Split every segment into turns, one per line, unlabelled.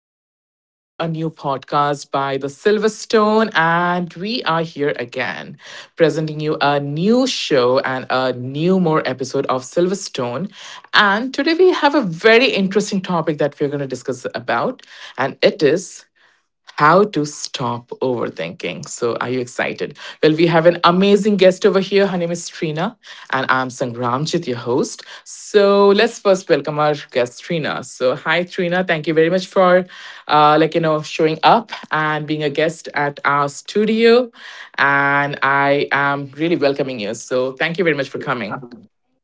and welcome to a new podcast by the Silverstone. And we are here again, presenting you a new show and a new more episode of Silverstone. And today we have a very interesting topic that we're going to discuss about, and it is how to stop overthinking. So, are you excited? Well, we have an amazing guest over here. Her name is Trina, and I'm Sangramjit, your host. So, let's first welcome our guest, Trina. So, hi, Trina. Thank you very much for, showing up and being a guest at our studio. And I am really welcoming you. So, thank you very much for coming.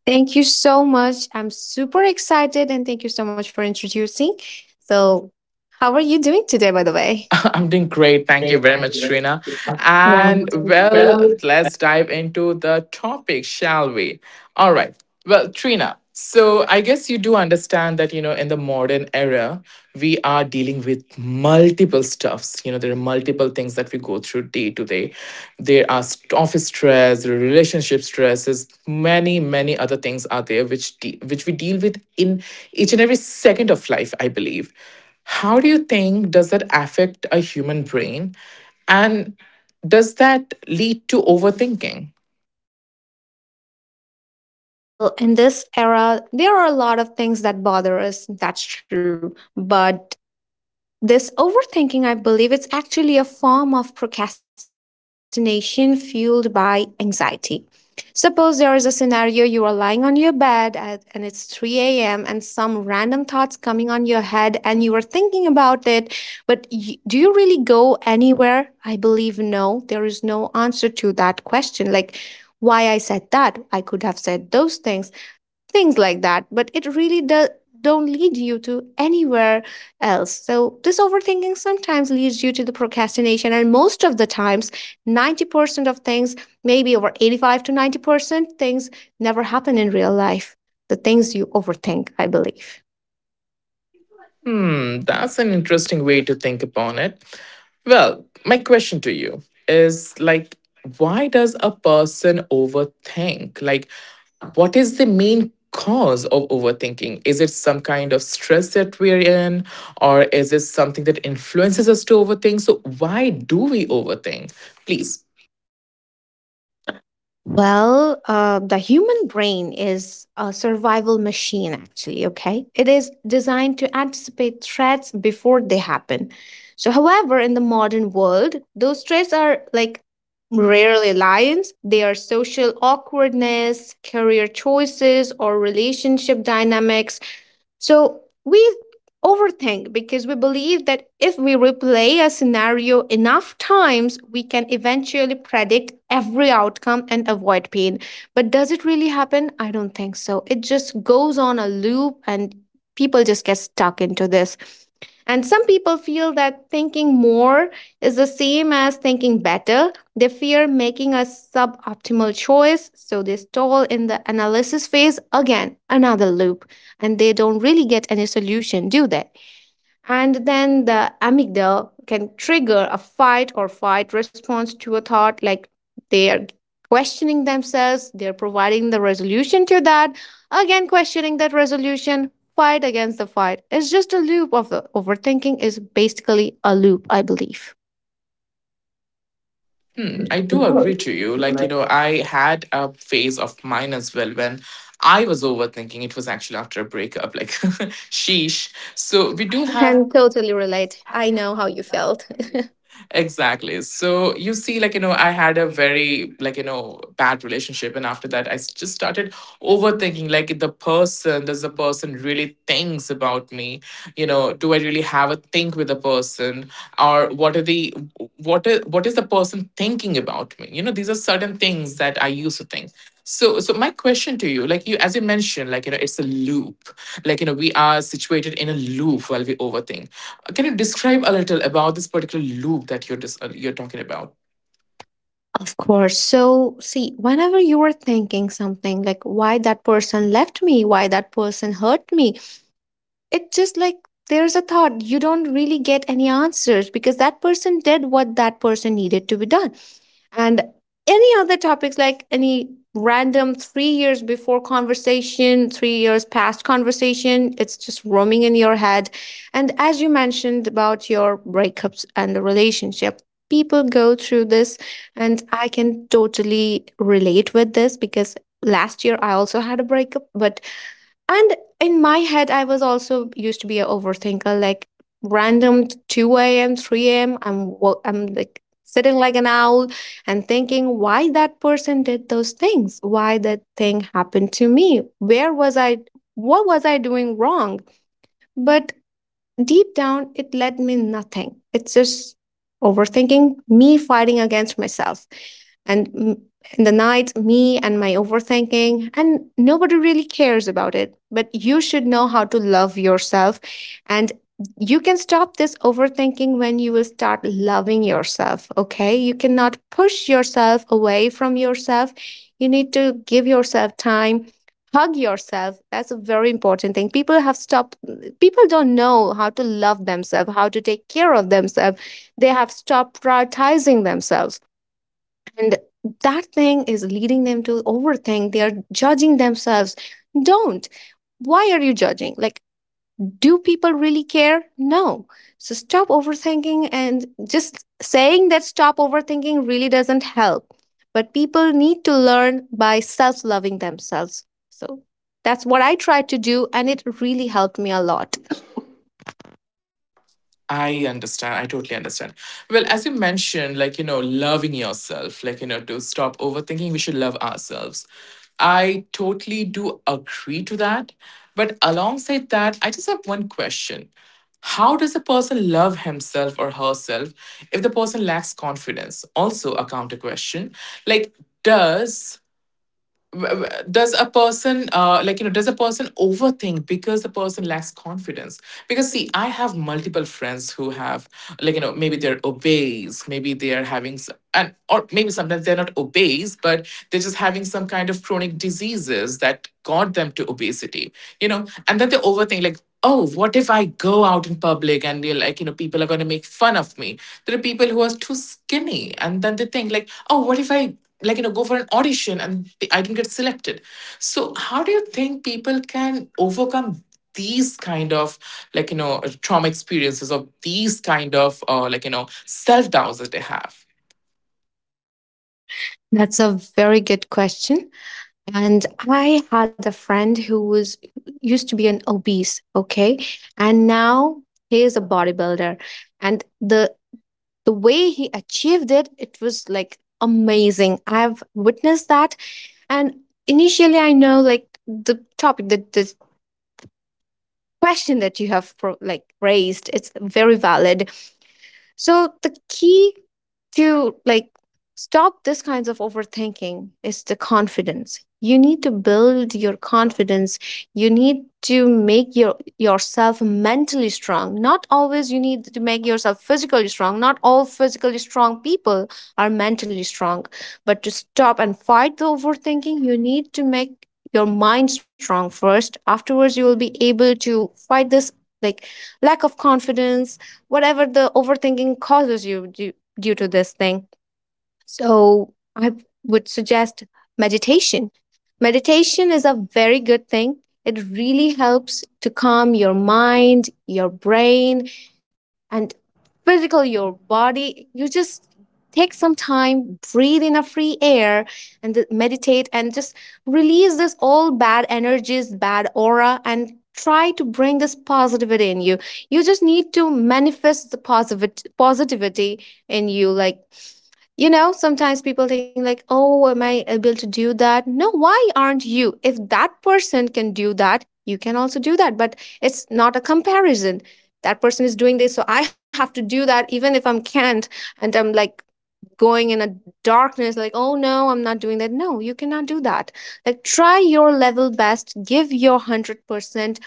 Thank you so much. I'm super excited and thank you so much for introducing. So, how are you doing today, by the way?
I'm doing great. Thank you very much, Trina.
Well,
And well,
well,
let's dive into the topic, shall we? All right. Well, Trina, so I guess you do understand that, you know, in the modern era, we are dealing with multiple stuffs. You know, there are multiple things that we go through day to day. There are office stress, there are relationship stresses, many, many other things are there which which we deal with in each and every second of life, I believe. How do you think does it affect a human brain? And does that lead to overthinking?
Well, in this era, there are a lot of things that bother us. That's true. But This overthinking, I believe, it's actually a form of procrastination fueled by anxiety. Suppose there is a scenario you are lying on your bed at, and it's 3 a.m. and some random thoughts coming on your head and you are thinking about it, but do you really go anywhere? I believe no. There is no answer to that question. Like, why I said that? I could have said those things like that, but it really does don't lead you to anywhere else. So this overthinking sometimes leads you to the procrastination, and most of the times 90% of things, maybe over 85 to 90% things, never happen in real life, the things you overthink, I believe.
Hmm, that's an interesting way to think upon it. Well, my question to you is like, why does a person overthink? Like, what is the main cause of overthinking? Is it some kind of stress that we're in, or is it something that influences us to overthink? So, why do we overthink? Please.
Well, the human brain is a survival machine, actually, okay? It is designed to anticipate threats before they happen. So, however, in the modern world, those threats are like rarely lions. They are social awkwardness, career choices, or relationship dynamics. So we overthink because we believe that if we replay a scenario enough times, we can eventually predict every outcome and avoid pain. But does it really happen? I don't think so. It just goes on a loop, and people just get stuck into this. And some people feel that thinking more is the same as thinking better. They fear making a suboptimal choice, so they stall in the analysis phase again, another loop, and they don't really get any solution, do they? And then the amygdala can trigger a fight or flight response to a thought, like they are questioning themselves, they're providing the resolution to that, again questioning that resolution, fight against the fight. It's just a loop of the overthinking is basically a loop, I believe.
Hmm, I do agree to you. Like, you know, I had a phase of mine as well when I was overthinking. It was actually after a breakup, like, sheesh. So, we do
I
have.
can totally relate. I know how you felt.
Exactly. So you see, like, you know, I had a very, like, you know, bad relationship. And after that, I just started overthinking, like, the person, does the person really thinks about me? You know, do I really have a think with a person, or what is, what is the person thinking about me? You know, these are certain things that I used to think. So, so my question to you, like, you, as you mentioned, like, you know, it's a loop. Like, you know, we are situated in a loop while we overthink. Can you describe a little about this particular loop that you're you're talking about?
Of course. So, see, whenever you are thinking something like why that person left me, why that person hurt me, it just like there's a thought. You don't really get any answers because that person did what that person needed to be done. And any other topics like any random 3 years before conversation, 3 years past conversation. It's just roaming in your head. And as you mentioned about your breakups and the relationship, people go through this, and I can totally relate with this because last year I also had a breakup, but and in my head, I was also used to be an overthinker, like random 2 a.m., 3 a.m. I'm I'm like sitting like an owl and thinking why that person did those things, why that thing happened to me, where was I, what was I doing wrong? But deep down, it led me nothing. It's just overthinking, me fighting against myself. And in the night, me and my overthinking, and nobody really cares about it. But you should know how to love yourself. And you can stop this overthinking when you will start loving yourself. Okay. You cannot push yourself away from yourself. You need to give yourself time, hug yourself. That's a very important thing. People have stopped. People don't know how to love themselves, how to take care of themselves. They have stopped prioritizing themselves. And that thing is leading them to overthink. They are judging themselves. Don't. Why are you judging? Like, do people really care? No. So stop overthinking, and just saying that stop overthinking really doesn't help. But people need to learn by self loving themselves. So that's what I tried to do, and it really helped me a lot.
I understand. I totally understand. Well, as you mentioned, like, you know, loving yourself, like, you know, to stop overthinking, we should love ourselves. I totally do agree to that. But alongside that, I just have one question. How does a person love himself or herself if the person lacks confidence? Also, a counter question. Like, does does a person, like you know, does a person overthink because the person lacks confidence? Because see, I have multiple friends who have, like you know, maybe they're obese, maybe they are having s- and or maybe sometimes they're not obese, but they're just having some kind of chronic diseases that got them to obesity. You know, and then they overthink like, oh, what if I go out in public and they're like, you know, people are going to make fun of me. There are people who are too skinny and then they think like, oh, what if I, like you know, go for an audition and I didn't get selected. So, how do you think people can overcome these kind of, like you know, trauma experiences or these kind of, like you know, self doubts that they have?
That's a very good question. And I had a friend who was used to be an obese, okay? And now he is a bodybuilder. And the way he achieved it, it was like amazing. I've witnessed that. And initially I know, like, the question that you have like raised, it's very valid. So the key to, like, stop this kinds of overthinking is the confidence. You need to build your confidence. You need to make yourself mentally strong. Not always you need to make yourself physically strong. Not all physically strong people are mentally strong. But to stop and fight the overthinking, you need to make your mind strong first. Afterwards, you will be able to fight this, like, lack of confidence, whatever the overthinking causes you due to this thing. So I would suggest meditation. Meditation is a very good thing. It really helps to calm your mind, your brain, and physical your body. You just take some time, breathe in a free air, and meditate and just release this all bad energies, bad aura, and try to bring this positivity in you. You just need to manifest the positive positivity in you. Like, you know, sometimes people think like, "Oh, am I able to do that?" No, why aren't you? If that person can do that, you can also do that, but it's not a comparison. That person is doing this, so I have to do that even if I'm can't, and I'm like going in a darkness like, "Oh no, I'm not doing that." No, you cannot do that. Like try your level best, give your 100%.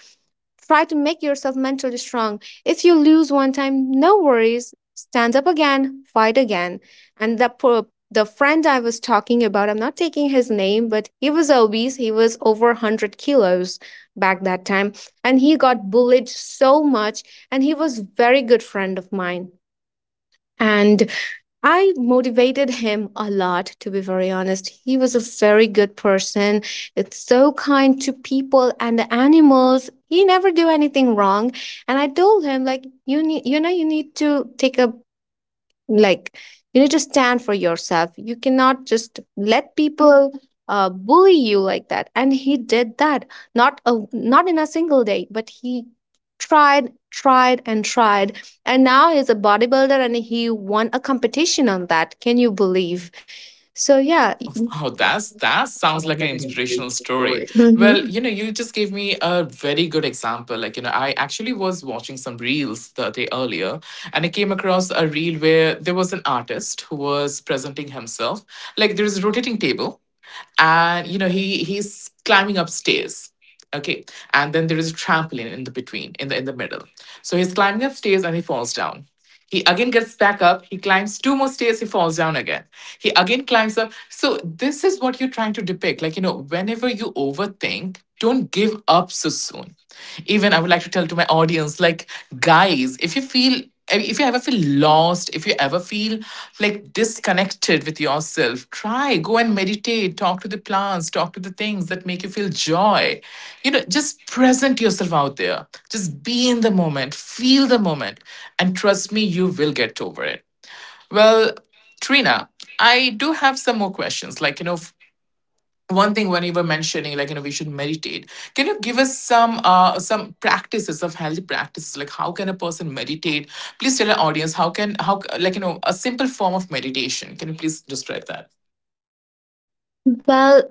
Try to make yourself mentally strong. If you lose one time, no worries. Stand up again, fight again. And the friend I was talking about, I'm not taking his name, but he was obese. He was over 100 kilos back that time. And he got bullied so much. And he was very good friend of mine. And I motivated him a lot, to be very honest. He was a very good person. It's so kind to people and the animals. He never do anything wrong. And I told him, like, you need, you know, you need to take a, like, you need to stand for yourself. You cannot just let people bully you like that. And he did that, not in a single day, but he tried tried and tried. And now he's a bodybuilder, and he won a competition on that. Can you believe? So yeah.
Wow, that's that sounds like an inspirational story. Well,
Mhm.
you know, you just gave me a very good example. Like, you know, I actually was watching some reels the day earlier, and I came across a reel where there was an artist who was presenting himself. Like, there is a rotating table, and you know, he's climbing upstairs. Okay, and then there is a trampoline in the between, in the middle. So he's climbing upstairs and he falls down. He again gets back up. He climbs two more stairs. He falls down again. He again climbs up. So, this is what you're trying to depict. Like, you know, whenever you overthink, don't give up so soon. Even I would like to tell to my audience, like, guys, if you feel, if you ever feel lost, if you ever feel like disconnected with yourself, try, go and meditate, talk to the plants, talk to the things that make you feel joy. You know, just present yourself out there. Just be in the moment, feel the moment, and trust me, you will get over it. Well, Trina, I do have some more questions. Like, you know, one thing when you were mentioning, like you know, we should meditate, can you give us some, uh, some practices of healthy practices? Like, how can a person meditate? Please tell our audience how can, how, like you know, a simple form of meditation, can you please describe that?
Well,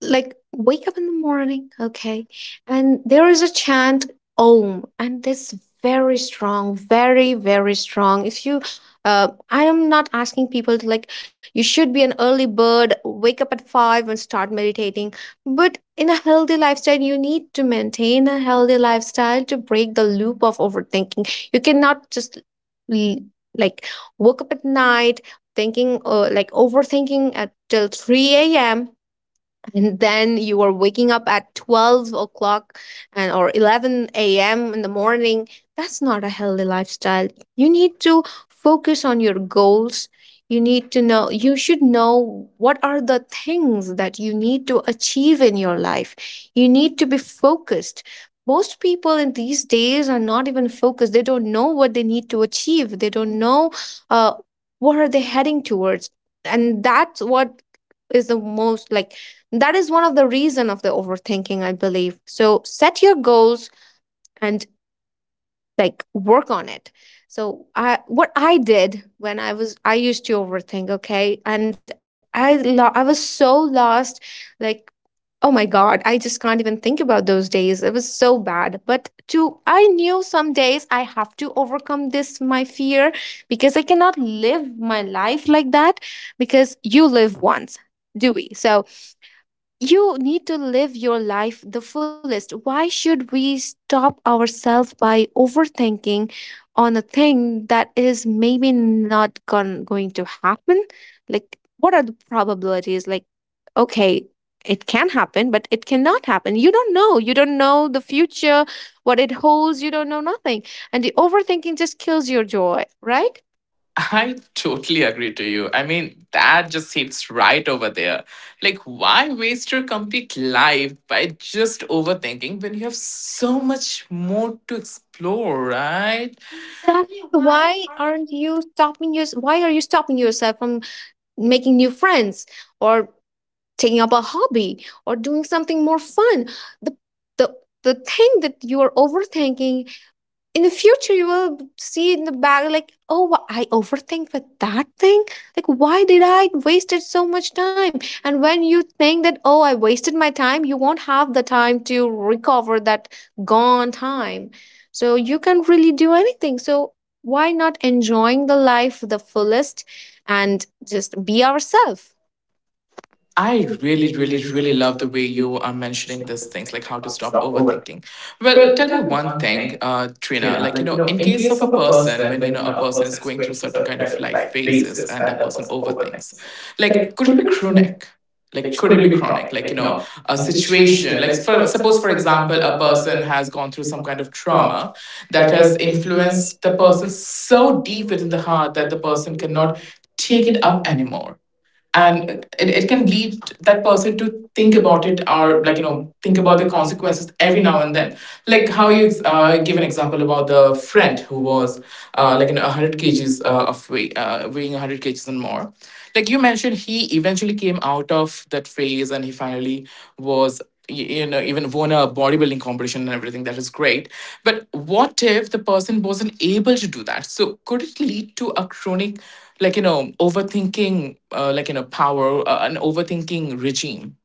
like, wake up in the morning, okay? And there is a chant, om, and this very strong, very very strong. If you, I am not asking people to, like, you should be an early bird, wake up at 5 and start meditating, but in a healthy lifestyle, you need to maintain a healthy lifestyle to break the loop of overthinking. You cannot just l- like woke up at night thinking, like overthinking at till 3 a.m, and then you are waking up at 12 o'clock and or 11 a.m in the morning. That's not a healthy lifestyle. You need to focus on your goals. You need to know, you should know what are the things that you need to achieve in your life. You need to be focused. Most people in these days are not even focused. They don't know what they need to achieve. They don't know, uh, what are they heading towards. And that's what is the most, like, that is one of the reason of the overthinking, I believe. So set your goals, and, like, work on it. So I, what I did when I was, I used to overthink, okay, and I I was so lost, like, oh my god, I just can't even think about those days. It was so bad. But to I knew some days I have to overcome this, my fear, because I cannot live my life like that. Because you live once, do we? So you need to live your life the fullest. Why should we stop ourselves by overthinking on a thing that is maybe not going to happen? Like, what are the probabilities? Like, okay, it can happen, but it cannot happen. You don't know. You don't know the future, what it holds. You don't know nothing. And the overthinking just kills your joy, right?
I totally agree to you. I mean, that just hits right over there. Like, why waste your complete life by just overthinking when you have so much more to explore, right?
That's why aren't you stopping yours? Why are you stopping yourself from making new friends? Or taking up a hobby or doing something more fun. The the the thing that you are overthinking in the future, you will see in the back, like, oh I overthink with that thing. Like, why did I wasted so much time? And when you think that, oh, I wasted my time, you won't have the time to recover that gone time. So you can really do.
I really, really, really love the way you are mentioning these things, like how to stop overthinking. Well, tell me one thing, Trina. Like you know, in case of a person, when you know a person is going through certain kind of life phases, and a person overthinks, like could it be chronic? Like could it be chronic? Like you know, a situation. Like for suppose, for example, a person has gone through some kind of trauma that has influenced the person so deep within the heart that the person cannot take it up anymore, and it can lead that person to think about it or, like you know, think about the consequences every now and then. Like how you, give an example about the friend who was, like in 100 kg kgs, of weight, weighing 100 kg kgs and more. Like you mentioned, he eventually came out of that phase and he finally was you know, even won a bodybuilding competition and everything, that is great. But what if the person wasn't able to do that? So could it lead to a chronic, like you know, overthinking, like you know, power, an overthinking regime?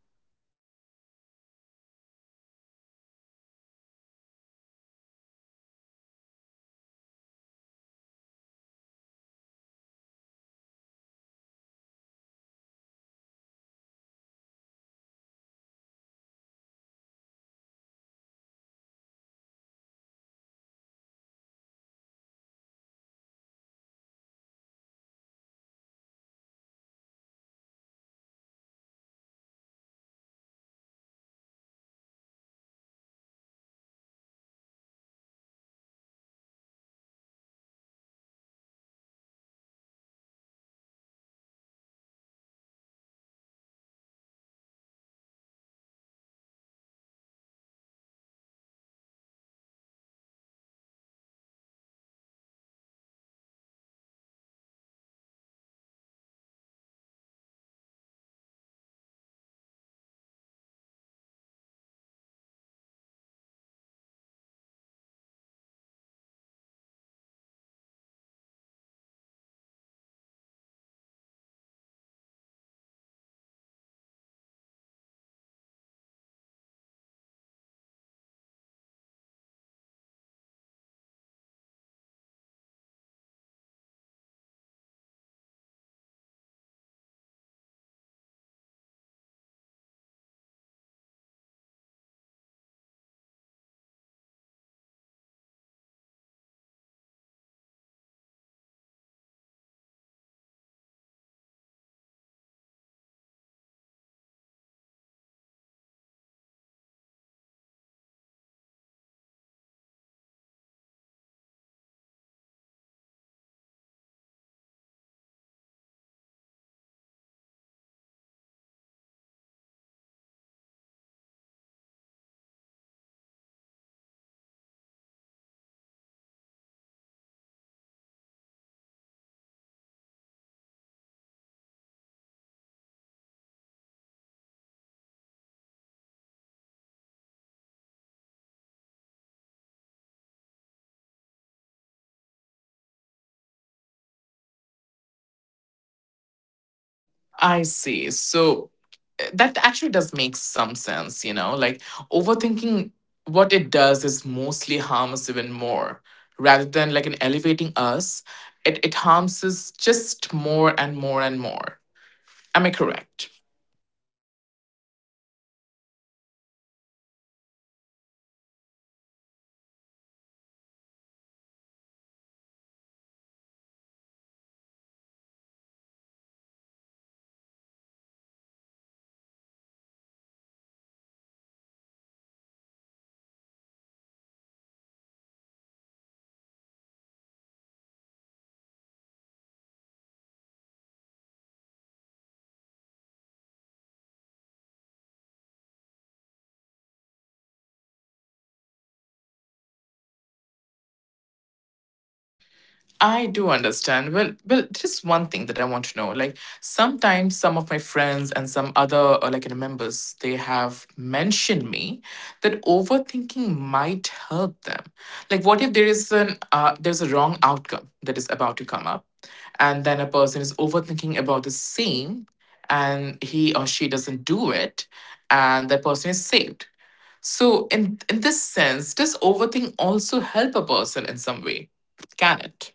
I see. So, that actually does make some sense, you know, like overthinking. What it does is mostly harm us even more, rather than like an elevating us. It harms us just more and more and more. Am I correct? I do understand. Well, well, there's one thing that I want to know. Like, sometimes some of my friends and some other, like you know, members, they have mentioned me that overthinking might help them. Like, what if there is an there's a wrong outcome that is about to come up, and then a person is overthinking about the same, and he or she doesn't do it, and that person is saved. So, in this sense, does overthink also help a person in some way? Can it?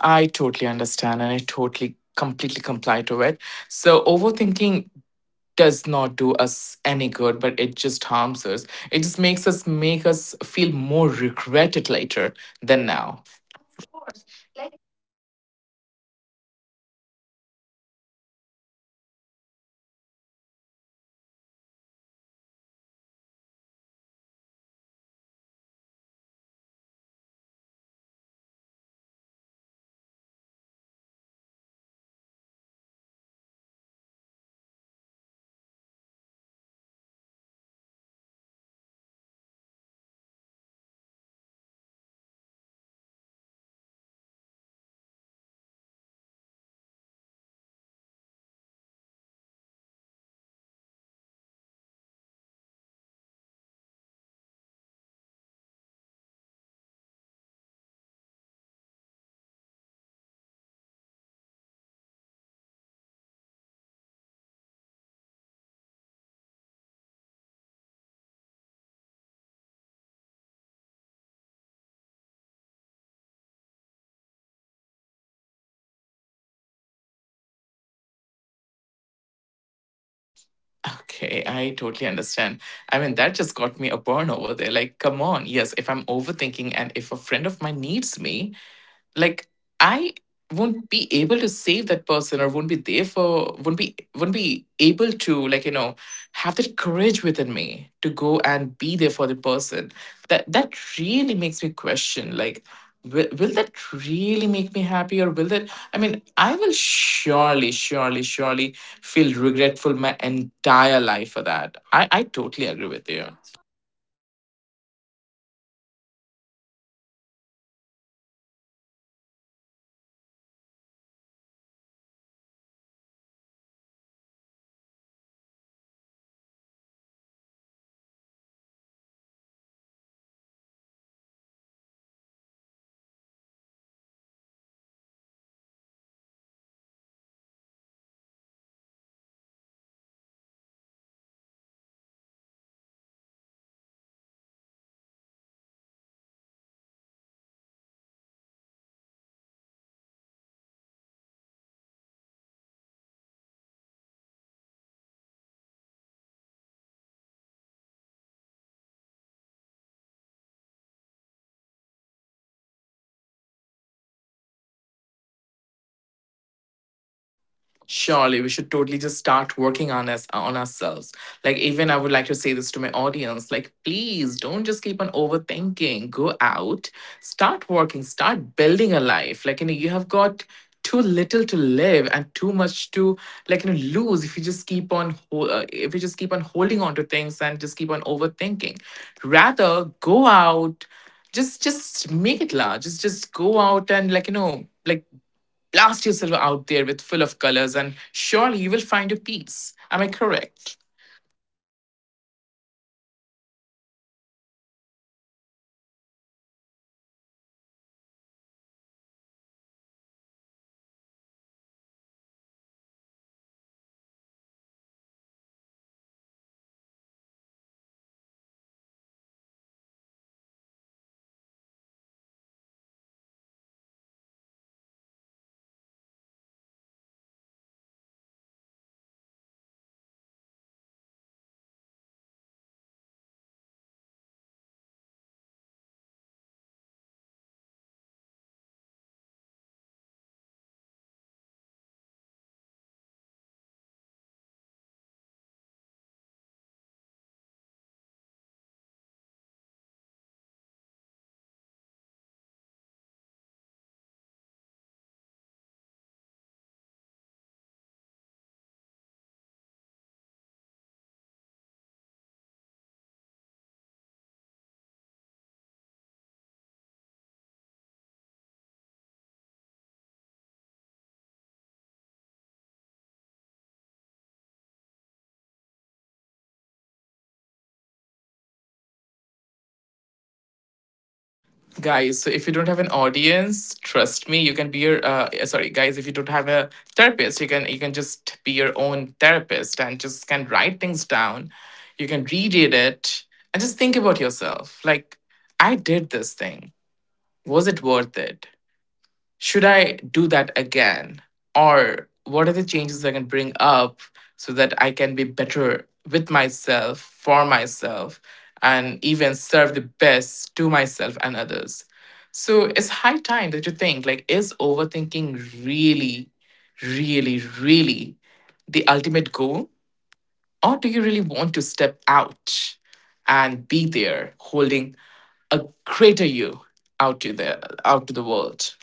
I totally understand and I totally completely comply to it. So overthinking does not do us any good, but it just harms us. It just makes us make us feel more regretted later than now. Okay, I totally understand. I mean, that just got me a burn over there. Like, come on. Yes, if I'm overthinking and if a friend of mine needs me, like, I won't be able to save that person or won't be there for. Won't be Able to, like you know, have that courage within me to go and be there for the person. That really makes me question like, will that really make me happy or will that, I mean, I will surely, surely, surely feel regretful my entire life for that. I totally agree with you. Surely, we should totally just start working on us on ourselves. Like, even I would like to say this to my audience: like, please don't just keep on overthinking. Go out, start working, start building a life. Like, you know, you have got too little to live and too much to, like you know, lose, if you just keep on if you just keep on holding on to things and just keep on overthinking. Rather, go out, just make it large. Just go out and, like you know, like blast yourself out there with full of colors and surely you will find your peace. Am I correct? Guys, so if you don't have an audience, trust me, you can be your sorry, guys, if you don't have a therapist, you can just be your own therapist and just can write things down. You can reread it and just think about yourself. Like, I did this thing. Was it worth it? Should I do that again? Or what are the changes I can bring up so that I can be better with myself, for myself, and even serve the best to myself and others? So it's high time that you think like, is overthinking really, really, really the ultimate goal? Or do you really want to step out and be there holding a greater you out to the out to the world?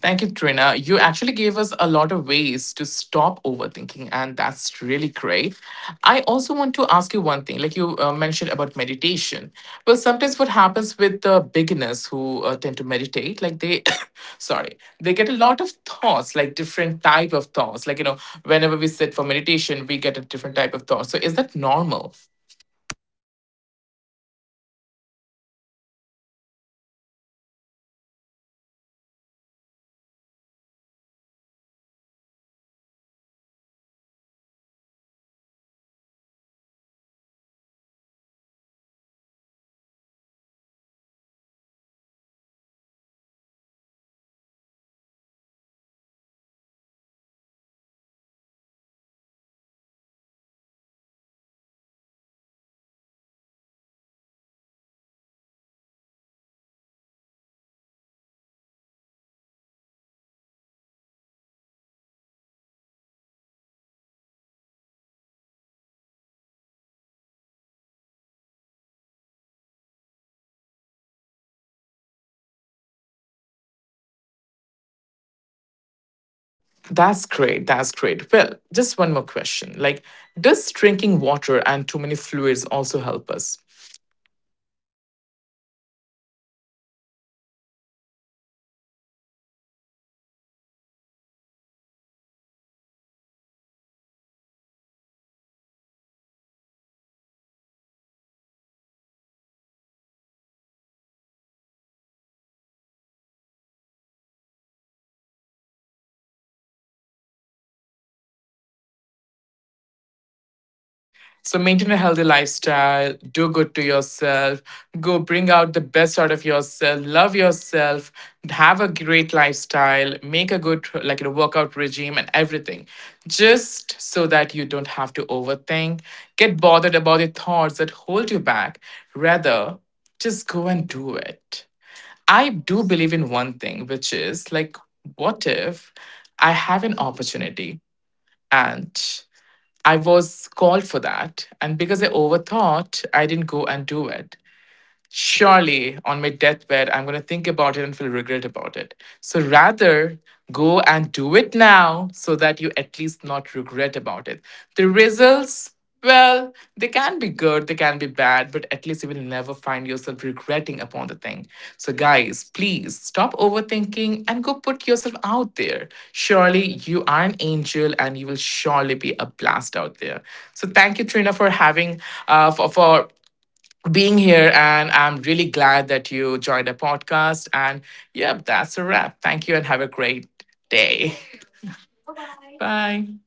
Thank you, Trina. You actually gave us a lot of ways to stop overthinking, and that's really great. I also want to ask you one thing, like you, mentioned about meditation. Well, sometimes what happens with the beginners who, tend to meditate, like they, sorry, they get a lot of thoughts, like different type of thoughts. Like, you know, whenever we sit for meditation, we get a different type of thought. So, is that normal? That's great. That's great. Well, just one more question. Like, does drinking water and too many fluids also help us? So maintain a healthy lifestyle, do good to yourself, go bring out the best out of yourself, love yourself, have a great lifestyle, make a good like a workout regime and everything. Just so that you don't have to overthink, get bothered about the thoughts that hold you back. Rather, just go and do it. I do believe in one thing, which is like, what if I have an opportunity and I was called for that? And because I overthought, I didn't go and do it. Surely on my deathbed, I'm going to think about it and feel regret about it. So rather, go and do it now so that you at least not regret about it. The results, well, they can be good, they can be bad, but at least you will never find yourself regretting upon the thing. So, guys, please stop overthinking and go put yourself out there. Surely you are an angel and you will surely be a blast out there. So, thank you, Trina, for having, for being here. And I'm really glad that you joined the podcast. And yep, that's a wrap. Thank you and have a great day. Bye.